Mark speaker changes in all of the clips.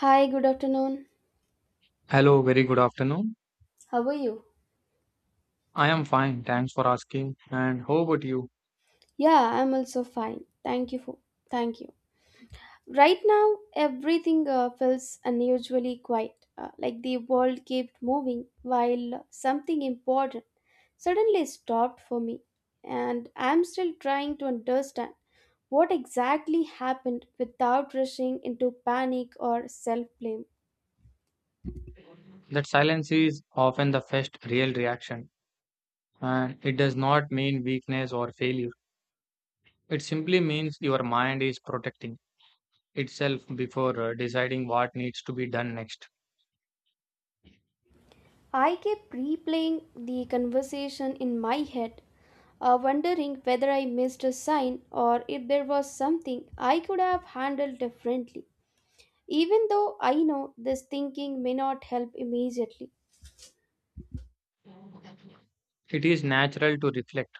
Speaker 1: Hi, good afternoon.
Speaker 2: Hello, very good afternoon.
Speaker 1: How are you?
Speaker 2: I am fine, thanks for asking. And how about you?
Speaker 1: Yeah, I'm also fine. Thank you for. Thank you. Right now, everything feels unusually quiet, like the world kept moving while something important suddenly stopped for me, and I'm still trying to understand what exactly happened without rushing into panic or self-blame.
Speaker 2: That silence is often the first real reaction, and it does not mean weakness or failure. It simply means your mind is protecting itself before deciding what needs to be done next.
Speaker 1: I kept replaying the conversation in my head, wondering whether I missed a sign or if there was something I could have handled differently. Even though I know this thinking may not help immediately,
Speaker 2: It is natural to reflect,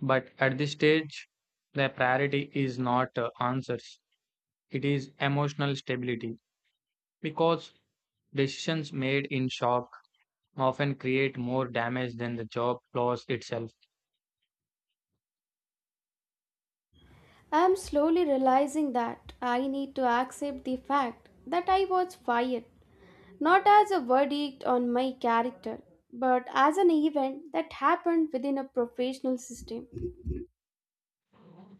Speaker 2: but at this stage, the priority is not answers, it is emotional stability because decisions made in shock often create more damage than the job loss itself.
Speaker 1: I am slowly realizing that I need to accept the fact that I was fired, not as a verdict on my character, but as an event that happened within a professional system.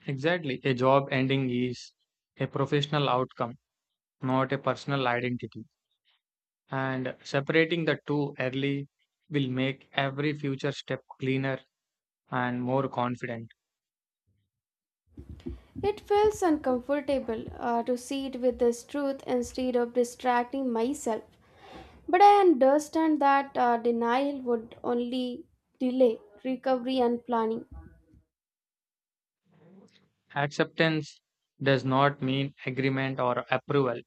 Speaker 2: Exactly. A job ending is a professional outcome, not a personal identity. And separating the two early will make every future step cleaner and more confident.
Speaker 1: It feels uncomfortable, to see it with this truth instead of distracting myself. But I understand that denial would only delay recovery and planning.
Speaker 2: Acceptance does not mean agreement or approval,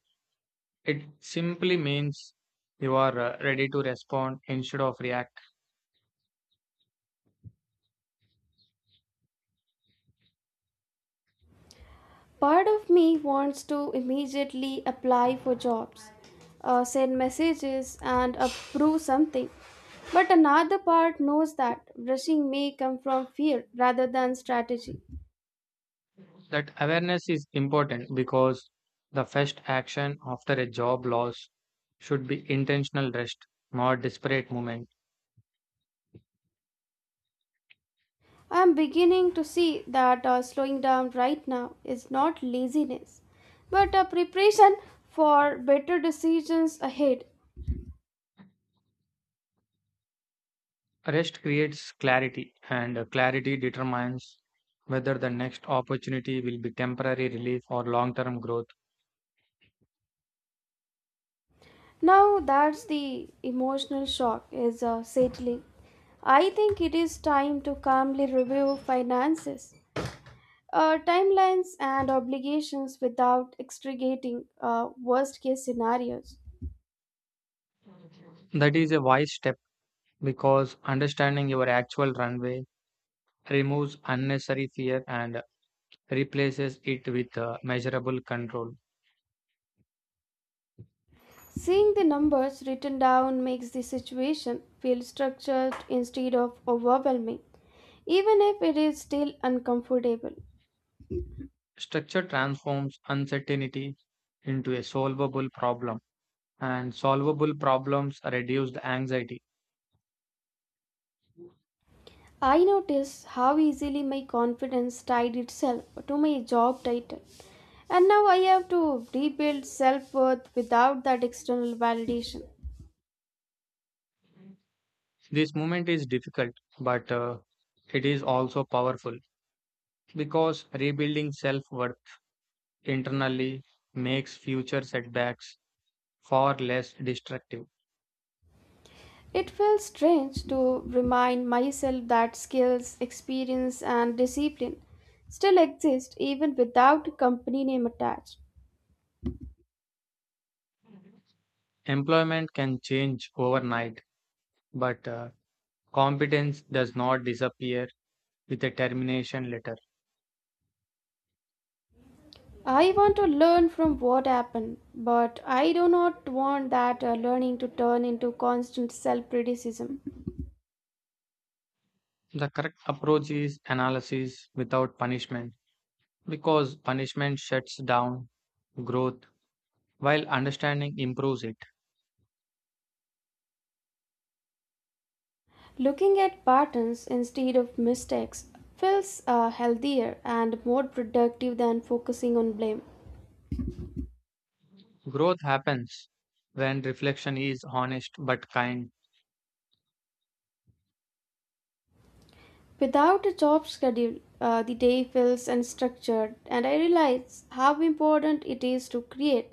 Speaker 2: it simply means you are ready to respond instead of react.
Speaker 1: Part of me wants to immediately apply for jobs, send messages, and approve something. But another part knows that rushing may come from fear rather than strategy.
Speaker 2: That awareness is important because the first action after a job loss should be intentional rest, not desperate movement.
Speaker 1: I am beginning to see that slowing down right now is not laziness, but a preparation for better decisions ahead.
Speaker 2: Rest creates clarity, and clarity determines whether the next opportunity will be temporary relief or long term growth.
Speaker 1: Now that the emotional shock is, settling, I think it is time to calmly review finances, timelines, and obligations without extricating, worst case scenarios.
Speaker 2: That is a wise step because understanding your actual runway removes unnecessary fear and replaces it with measurable control.
Speaker 1: Seeing the numbers written down makes the situation feel structured instead of overwhelming, even if it is still uncomfortable.
Speaker 2: Structure transforms uncertainty into a solvable problem, and solvable problems reduce the anxiety.
Speaker 1: I notice how easily my confidence tied itself to my job title, and now I have to rebuild self worth without that external validation.
Speaker 2: This movement is difficult, but it is also powerful, because rebuilding self worth internally makes future setbacks far less destructive.
Speaker 1: It feels strange to remind myself that skills, experience, and discipline still exist even without a company name attached.
Speaker 2: Employment can change overnight, but competence does not disappear with a termination letter.
Speaker 1: I want to learn from what happened, but I do not want that learning to turn into constant self criticism.
Speaker 2: The correct approach is analysis without punishment because punishment shuts down growth while understanding improves it.
Speaker 1: Looking at patterns instead of mistakes feels, healthier and more productive than focusing on blame.
Speaker 2: Growth happens when reflection is honest but kind.
Speaker 1: Without a job schedule, the day feels unstructured, and I realize how important it is to create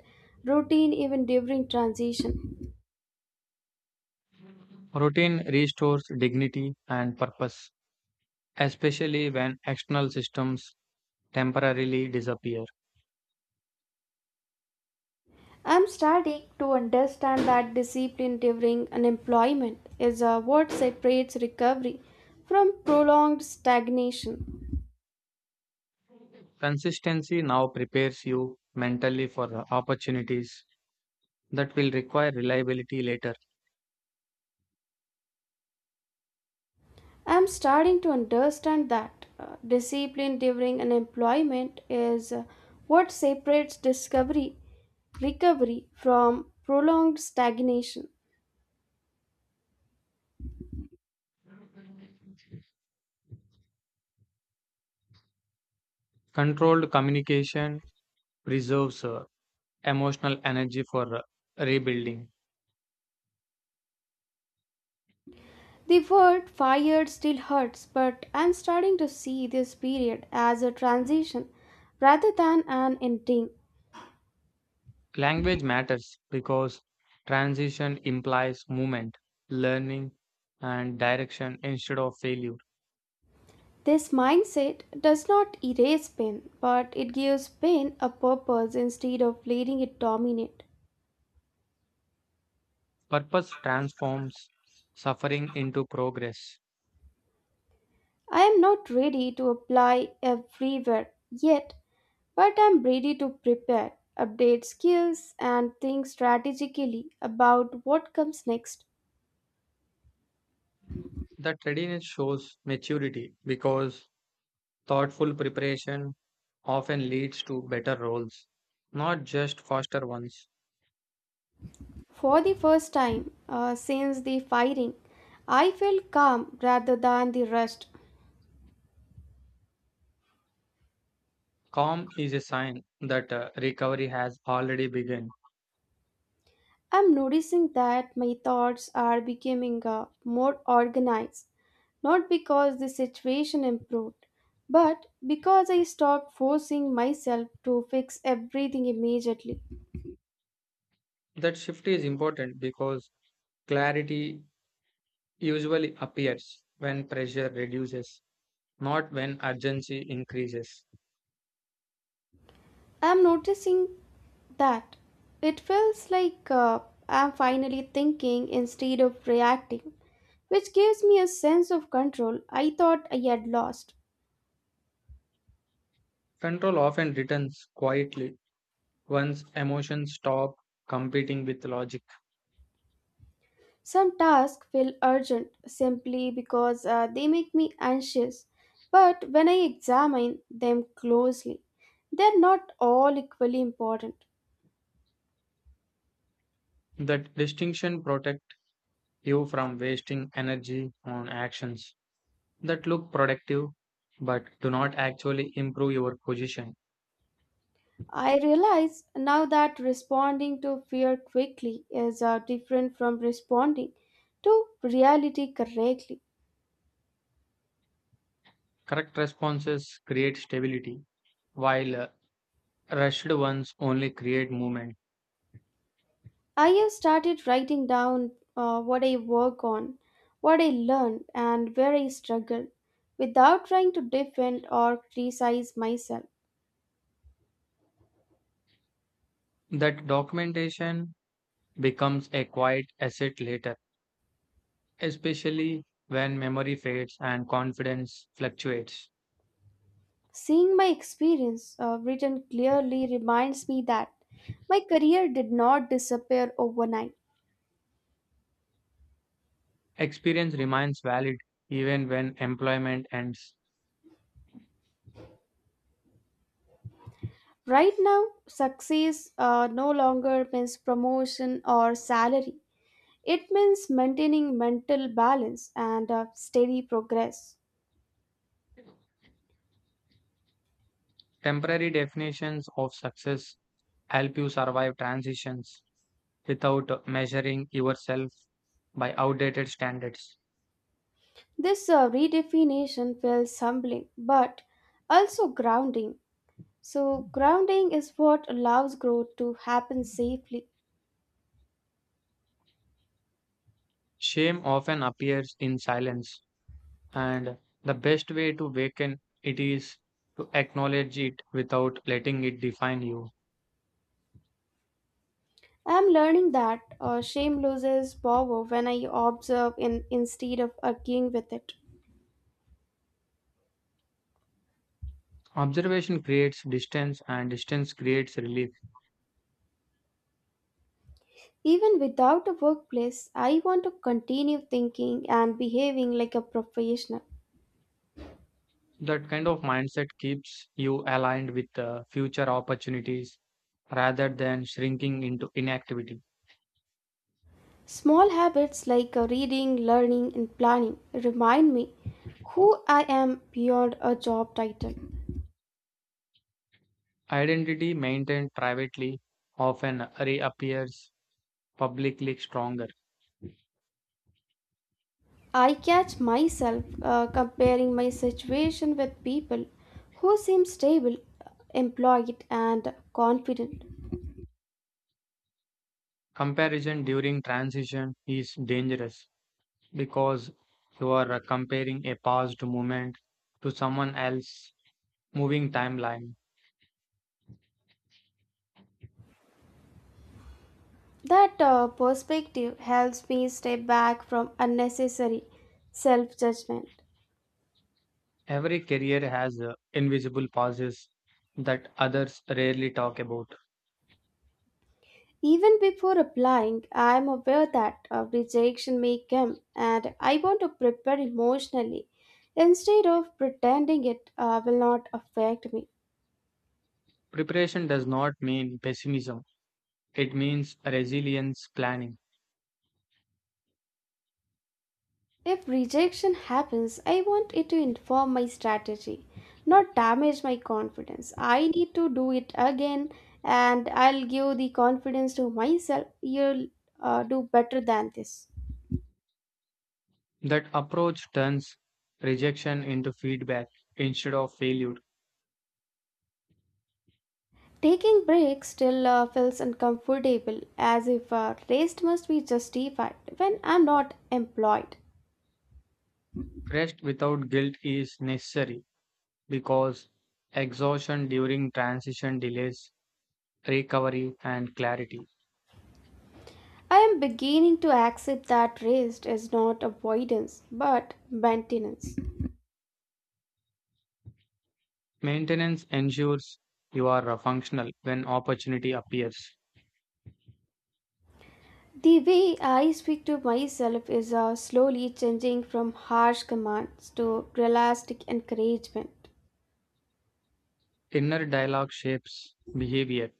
Speaker 1: routine even during transition.
Speaker 2: Routine restores dignity and purpose, especially when external systems temporarily disappear.
Speaker 1: I'm starting to understand that discipline during unemployment is, what separates recovery from prolonged stagnation.
Speaker 2: Consistency now prepares you mentally for the opportunities that will require reliability later.
Speaker 1: I'm starting to understand that discipline during unemployment is what separates discovery recovery from prolonged stagnation.
Speaker 2: Controlled communication preserves emotional energy for rebuilding.
Speaker 1: The word fired still hurts, but I'm starting to see this period as a transition rather than an ending.
Speaker 2: Language matters because transition implies movement, learning, and direction instead of failure.
Speaker 1: This mindset does not erase pain, but it gives pain a purpose instead of letting it dominate.
Speaker 2: Purpose transforms suffering into progress.
Speaker 1: I am not ready to apply everywhere yet, but I'm ready to prepare, update skills, and think strategically about what comes next.
Speaker 2: That readiness shows maturity because thoughtful preparation often leads to better roles, not just faster ones.
Speaker 1: For the first time, since the firing, I felt calm rather than the rushed.
Speaker 2: Calm is a sign that recovery has already begun.
Speaker 1: I'm noticing that my thoughts are becoming, more organized, not because the situation improved, but because I stopped forcing myself to fix everything immediately.
Speaker 2: That shift is important because clarity usually appears when pressure reduces, not when urgency increases.
Speaker 1: I'm noticing that it feels like, I'm finally thinking instead of reacting, which gives me a sense of control I thought I had lost.
Speaker 2: Control often returns quietly once emotions stop competing with logic.
Speaker 1: Some tasks feel urgent simply because, they make me anxious, but when I examine them closely, they're not all equally important.
Speaker 2: That distinction protects you from wasting energy on actions that look productive but do not actually improve your position.
Speaker 1: I realize now that responding to fear quickly is, different from responding to reality correctly.
Speaker 2: Correct responses create stability, while rushed ones only create movement.
Speaker 1: I have started writing down, what I work on, what I learned, and where I struggle without trying to defend or criticize myself.
Speaker 2: That documentation becomes a quiet asset later, especially when memory fades and confidence fluctuates.
Speaker 1: Seeing my experience, written clearly reminds me that my career did not disappear overnight.
Speaker 2: Experience remains valid even when employment ends.
Speaker 1: Right now, success, no longer means promotion or salary. It means maintaining mental balance and, steady progress.
Speaker 2: Temporary definitions of success help you survive transitions without measuring yourself by outdated standards.
Speaker 1: This, redefinition feels humbling but also grounding. So, grounding is what allows growth to happen safely.
Speaker 2: Shame often appears in silence, and the best way to waken it is to acknowledge it without letting it define you.
Speaker 1: I'm learning that, shame loses power when I observe in, instead of arguing with it.
Speaker 2: Observation creates distance, and distance creates relief.
Speaker 1: Even without a workplace, I want to continue thinking and behaving like a professional.
Speaker 2: That kind of mindset keeps you aligned with future opportunities rather than shrinking into inactivity.
Speaker 1: Small habits like, reading, learning, and planning remind me who I am beyond a job title.
Speaker 2: Identity maintained privately often reappears publicly stronger.
Speaker 1: I catch myself, comparing my situation with people who seem stable, employed, and confident.
Speaker 2: Comparison during transition is dangerous because you are comparing a past moment to someone else's moving timeline.
Speaker 1: That, perspective helps me step back from unnecessary self judgment.
Speaker 2: Every career has invisible pauses that others rarely talk about.
Speaker 1: Even before applying, I am aware that a rejection may come and I want to prepare emotionally instead of pretending it, will not affect me.
Speaker 2: Preparation does not mean pessimism, it means resilience planning.
Speaker 1: If rejection happens, I want it to inform my strategy, not damage my confidence. I need to do it again and I'll give the confidence to myself. You'll, do better than this.
Speaker 2: That approach turns rejection into feedback instead of failure.
Speaker 1: Taking breaks still, feels uncomfortable, as if, rest must be justified when I'm not employed.
Speaker 2: Rest without guilt is necessary because exhaustion during transition delays recovery and clarity.
Speaker 1: I am beginning to accept that rest is not avoidance but maintenance.
Speaker 2: Maintenance ensures you are functional when opportunity appears.
Speaker 1: The way I speak to myself is, slowly changing from harsh commands to realistic encouragement.
Speaker 2: Inner dialogue shapes behavior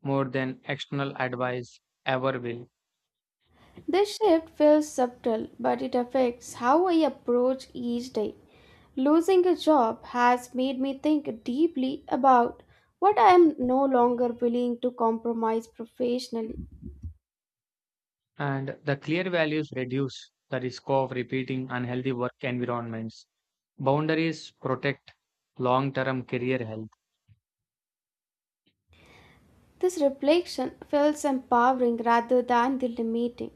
Speaker 2: more than external advice ever will,
Speaker 1: This shift feels subtle, but it affects how I approach each day. Losing a job has made me think deeply about what I am no longer willing to compromise professionally.
Speaker 2: and the clear values reduce the risk of repeating unhealthy work environments. Boundaries protect long term career health.
Speaker 1: This reflection feels empowering rather than limiting.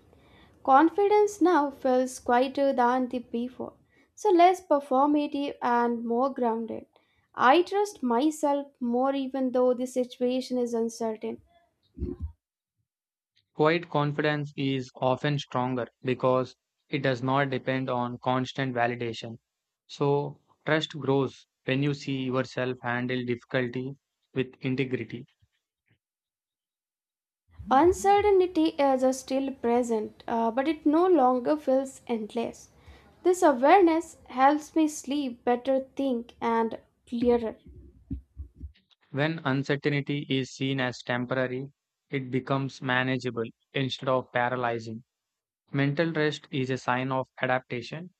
Speaker 1: Confidence now feels quieter than the before, so less performative and more grounded. I trust myself more even though the situation is uncertain.
Speaker 2: Quiet confidence is often stronger because it does not depend on constant validation. So, trust grows when you see yourself handle difficulty with integrity.
Speaker 1: Uncertainty is still present, but it no longer feels endless. This awareness helps me sleep better, think, and clearer.
Speaker 2: When uncertainty is seen as temporary, it becomes manageable instead of paralyzing. Mental rest is a sign of adaptation.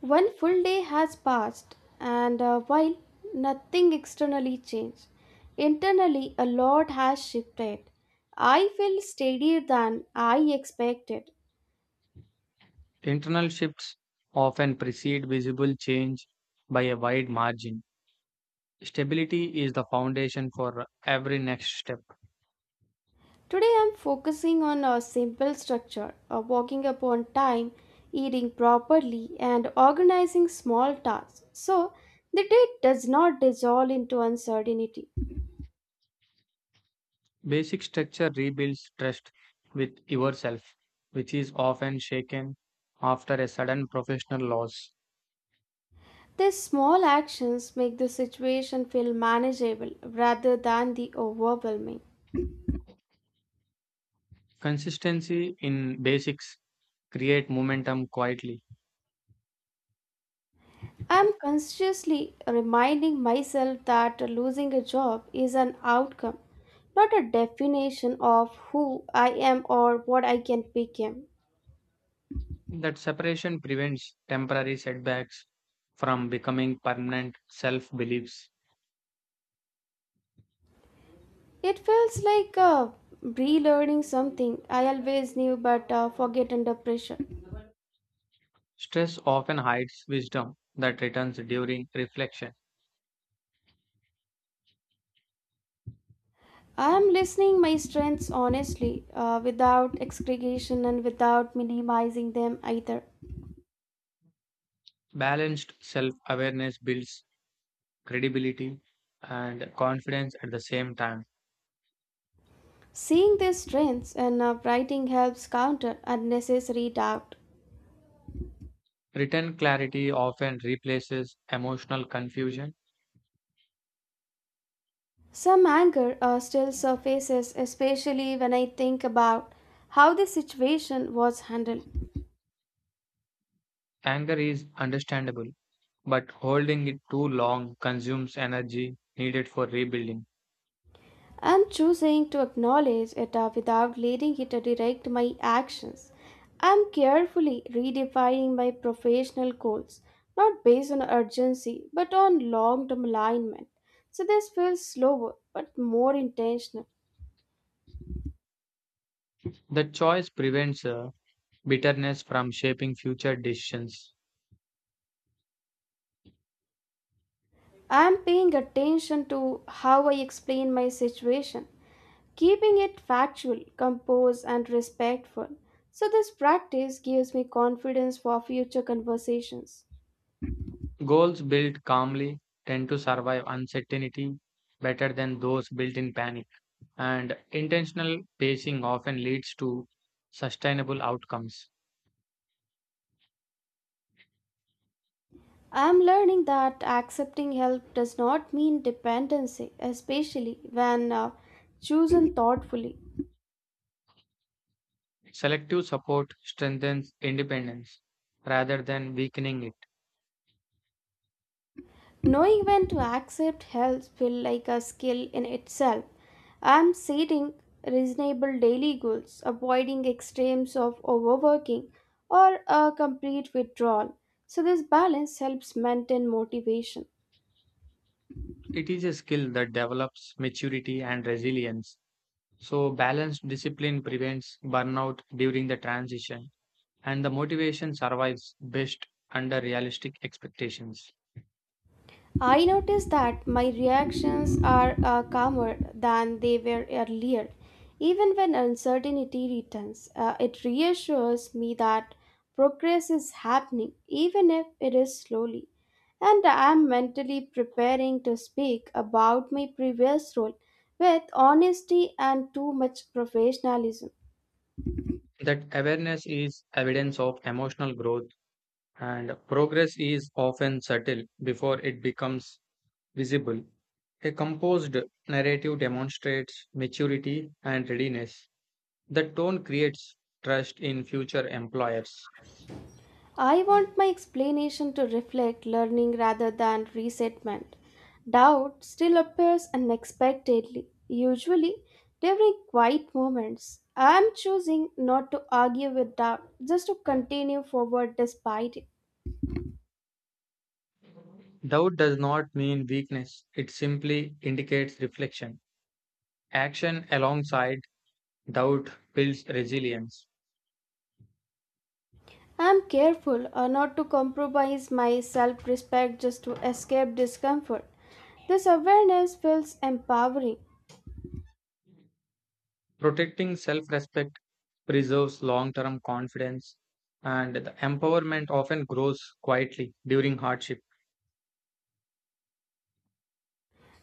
Speaker 1: One full day has passed, and, while nothing externally changed, internally a lot has shifted. I feel steadier than I expected.
Speaker 2: Internal shifts often precede visible change by a wide margin. Stability is the foundation for every next step.
Speaker 1: Today I'm focusing on a simple structure of walking upon time, eating properly, and organizing small tasks so the day does not dissolve into uncertainty.
Speaker 2: Basic structure rebuilds trust with yourself, which is often shaken after a sudden professional loss.
Speaker 1: These small actions make the situation feel manageable rather than the overwhelming.
Speaker 2: Consistency in basics create momentum quietly.
Speaker 1: I'm consciously reminding myself that losing a job is an outcome, not a definition of who I am or what I can become.
Speaker 2: That separation prevents temporary setbacks from becoming permanent self-beliefs.
Speaker 1: It feels like, relearning something I always knew but, forget under pressure.
Speaker 2: Stress often hides wisdom that returns during reflection.
Speaker 1: I am listening my strengths honestly, without excretion and without minimizing them either.
Speaker 2: Balanced self-awareness builds credibility and confidence at the same time.
Speaker 1: Seeing these strengths and, writing helps counter unnecessary doubt.
Speaker 2: Written clarity often replaces emotional confusion.
Speaker 1: Some anger, still surfaces, especially when I think about how the situation was handled.
Speaker 2: Anger is understandable, but holding it too long consumes energy needed for rebuilding.
Speaker 1: I'm choosing to acknowledge it, without letting it, direct my actions. I'm carefully redefining my professional goals, not based on urgency, but on long term alignment. So this feels slower but more intentional.
Speaker 2: The choice prevents bitterness from shaping future decisions.
Speaker 1: I'm paying attention to how I explain my situation, keeping it factual, composed, and respectful. So this practice gives me confidence for future conversations.
Speaker 2: Goals built calmly tend to survive uncertainty better than those built in panic, and intentional pacing often leads to sustainable outcomes.
Speaker 1: I'm learning that accepting help does not mean dependency, especially when, chosen thoughtfully.
Speaker 2: Selective support strengthens independence rather than weakening it.
Speaker 1: Knowing when to accept help feels like a skill in itself. I'm setting reasonable daily goals, avoiding extremes of overworking or a complete withdrawal. So this balance helps maintain motivation.
Speaker 2: It is a skill that develops maturity and resilience. So, balanced discipline prevents burnout during the transition, and the motivation survives best under realistic expectations.
Speaker 1: I noticed that my reactions are, calmer than they were earlier. Even when uncertainty returns, it reassures me that progress is happening, even if it is slowly. And I am mentally preparing to speak about my previous role with honesty and too much professionalism.
Speaker 2: That awareness is evidence of emotional growth, and progress is often subtle before it becomes visible. A composed narrative demonstrates maturity and readiness. The tone creates trust in future employers.
Speaker 1: I want my explanation to reflect learning rather than resentment. Doubt still appears unexpectedly, usually during quiet moments. I am choosing not to argue with doubt, just to continue forward despite it.
Speaker 2: Doubt does not mean weakness, it simply indicates reflection. Action alongside doubt builds resilience.
Speaker 1: I am careful, not to compromise my self respect just to escape discomfort. This awareness feels empowering.
Speaker 2: Protecting self respect preserves long term confidence, and the empowerment often grows quietly during hardship.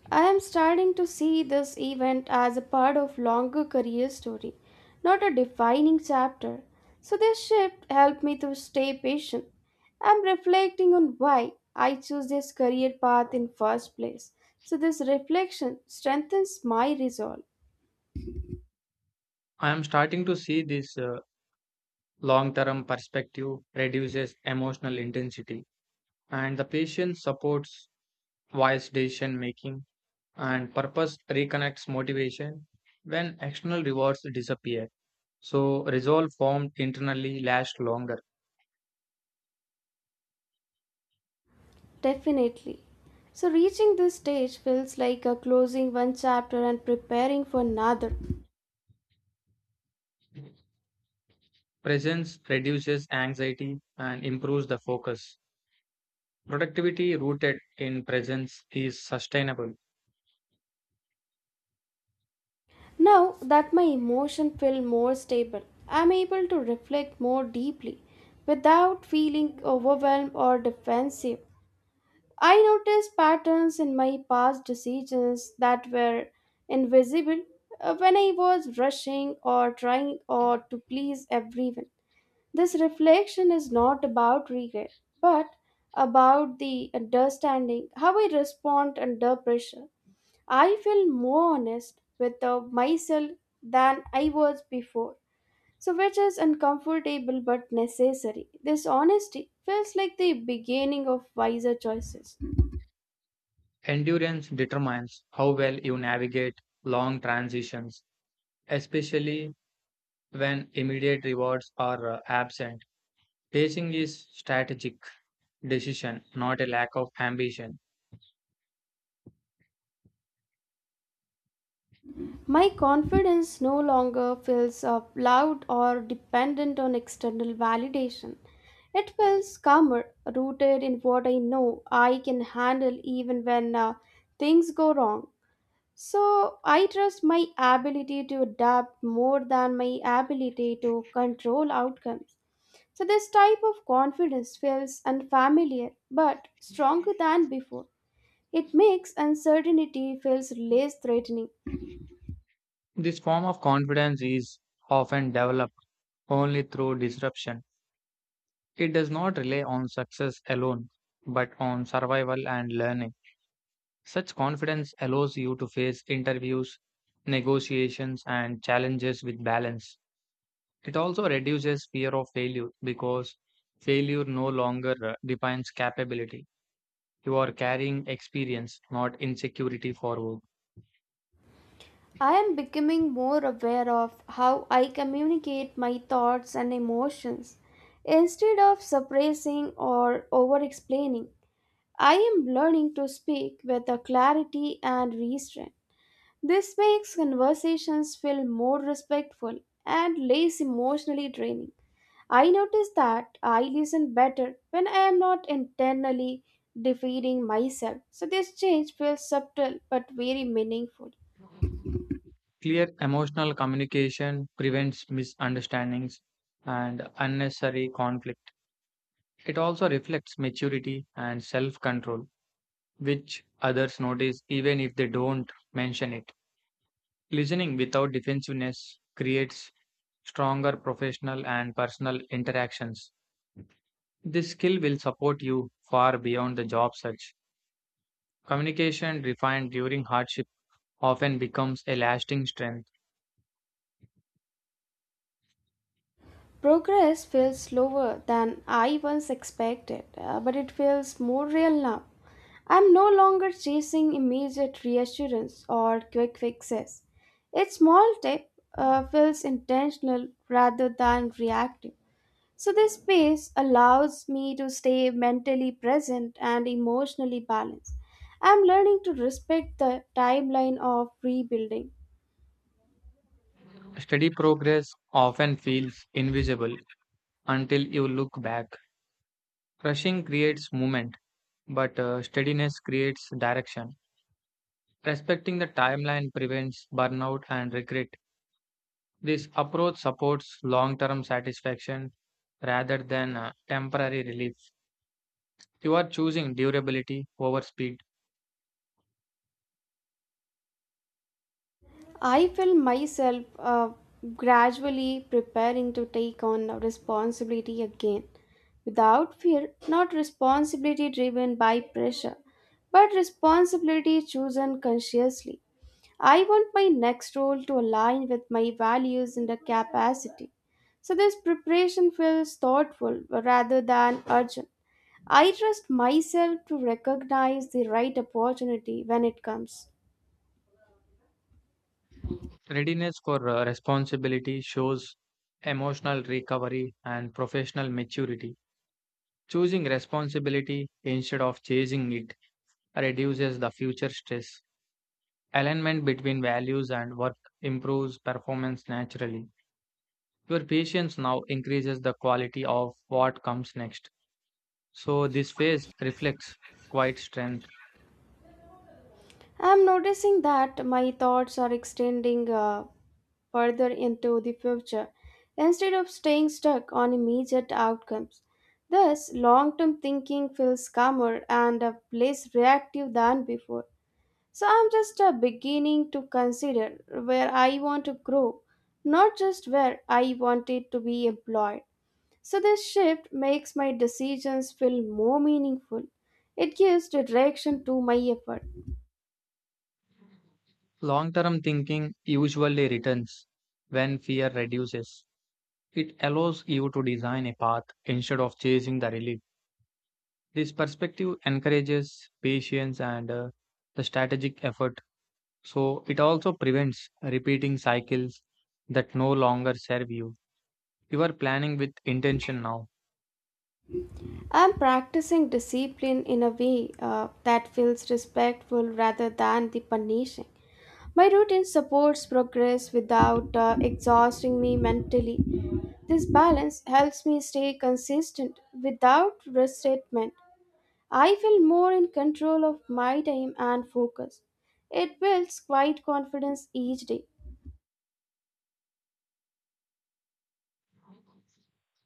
Speaker 1: I am starting to see this event as a part of longer career story, not a defining chapter. So this shift helped me to stay patient. I'm reflecting on why I chose this career path in first place. So this reflection strengthens my resolve.
Speaker 2: I am starting to see this long term perspective reduces emotional intensity, and the patience supports wise decision making, and purpose reconnects motivation when external rewards disappear. So, resolve formed internally lasts longer.
Speaker 1: Definitely. So reaching this stage feels like a closing one chapter and preparing for another.
Speaker 2: Presence reduces anxiety and improves the focus. Productivity rooted in presence is sustainable.
Speaker 1: Now that my emotion feel more stable, I'm able to reflect more deeply without feeling overwhelmed or defensive. I noticed patterns in my past decisions that were invisible, when I was rushing or trying or to please everyone. This reflection is not about regret, but about the understanding how I respond under pressure. I feel more honest with, myself than I was before. So, which is uncomfortable but necessary. This honesty feels like the beginning of wiser choices.
Speaker 2: Endurance determines how well you navigate long transitions, especially when immediate rewards are absent. Pacing is strategic decision, not a lack of ambition.
Speaker 1: My confidence no longer feels, loud or dependent on external validation. It feels calmer, rooted in what I know I can handle even when, things go wrong. So I trust my ability to adapt more than my ability to control outcomes. So this type of confidence feels unfamiliar but stronger than before. It makes uncertainty feels less threatening.
Speaker 2: This form of confidence is often developed only through disruption. It does not rely on success alone, but on survival and learning. Such confidence allows you to face interviews, negotiations, and challenges with balance. It also reduces fear of failure because failure no longer defines capability. You are carrying experience, not insecurity forward.
Speaker 1: I am becoming more aware of how I communicate my thoughts and emotions. Instead of suppressing or over explaining, I am learning to speak with a clarity and restraint. This makes conversations feel more respectful and less emotionally draining. I notice that I listen better when I am not internally defeating myself. So this change feels subtle but very meaningful.
Speaker 2: Clear emotional communication prevents misunderstandings and unnecessary conflict. It also reflects maturity and self control which others notice even if they don't mention it. Listening without defensiveness creates stronger professional and personal interactions. This skill will support you far beyond the job search. Communication refined during hardship often becomes a lasting strength.
Speaker 1: Progress feels slower than I once expected, but it feels more real now. I'm no longer chasing immediate reassurance or quick fixes. Each small step, feels intentional rather than reactive. So, this space allows me to stay mentally present and emotionally balanced. I'm learning to respect the timeline of rebuilding.
Speaker 2: Steady progress often feels invisible until you look back. Rushing creates movement, but steadiness creates direction. Respecting the timeline prevents burnout and regret. This approach supports long term satisfaction rather than temporary relief. You are choosing durability over speed.
Speaker 1: I feel myself, gradually preparing to take on responsibility again without fear, not responsibility driven by pressure, but responsibility chosen consciously. I want my next role to align with my values and the capacity. So this preparation feels thoughtful rather than urgent. I trust myself to recognize the right opportunity when it comes.
Speaker 2: Readiness for responsibility shows emotional recovery and professional maturity. Choosing responsibility instead of chasing it reduces the future stress. Alignment between values and work improves performance naturally. Your patience now increases the quality of what comes next. So this phase reflects quiet strength.
Speaker 1: I'm noticing that my thoughts are extending, further into the future instead of staying stuck on immediate outcomes. Thus, long term thinking feels calmer and, less reactive than before. So, I'm just, beginning to consider where I want to grow, not just where I wanted to be employed. So, this shift makes my decisions feel more meaningful. It gives direction to my effort.
Speaker 2: Long term thinking usually returns when fear reduces. It allows you to design a path instead of chasing the relief. This perspective encourages patience and the strategic effort. So it also prevents repeating cycles that no longer serve you. You are planning with intention now.
Speaker 1: I'm practicing discipline in a way, that feels respectful rather than the punishing. My routine supports progress without, exhausting me mentally. This balance helps me stay consistent without resentment. I feel more in control of my time and focus. It builds quiet confidence each day.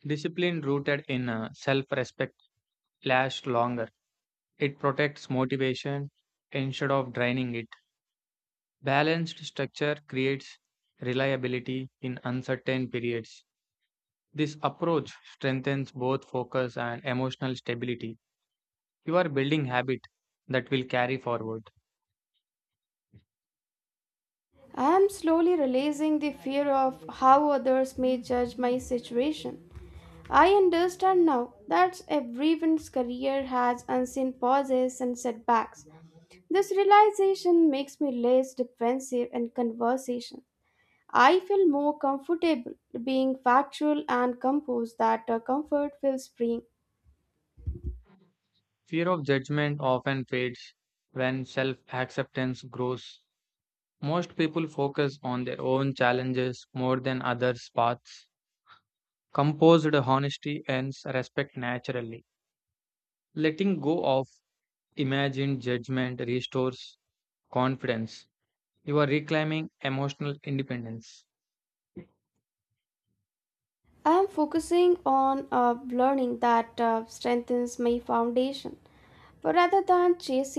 Speaker 2: Discipline rooted in self respect lasts longer. It protects motivation instead of draining it. Balanced structure creates reliability in uncertain periods. This approach strengthens both focus and emotional stability. You are building habit that will carry forward.
Speaker 1: I am slowly releasing the fear of how others may judge my situation. I understand now that everyone's career has unseen pauses and setbacks. This realization makes me less defensive in conversation. I feel more comfortable being factual and composed that, comfort feels freeing.
Speaker 2: Fear of judgment often fades when self acceptance grows. Most people focus on their own challenges more than others' paths. Composed honesty and respect naturally. Letting go of imagined judgment restores confidence. You are reclaiming emotional independence.
Speaker 1: I am focusing on, learning that, strengthens my foundation rather than chasing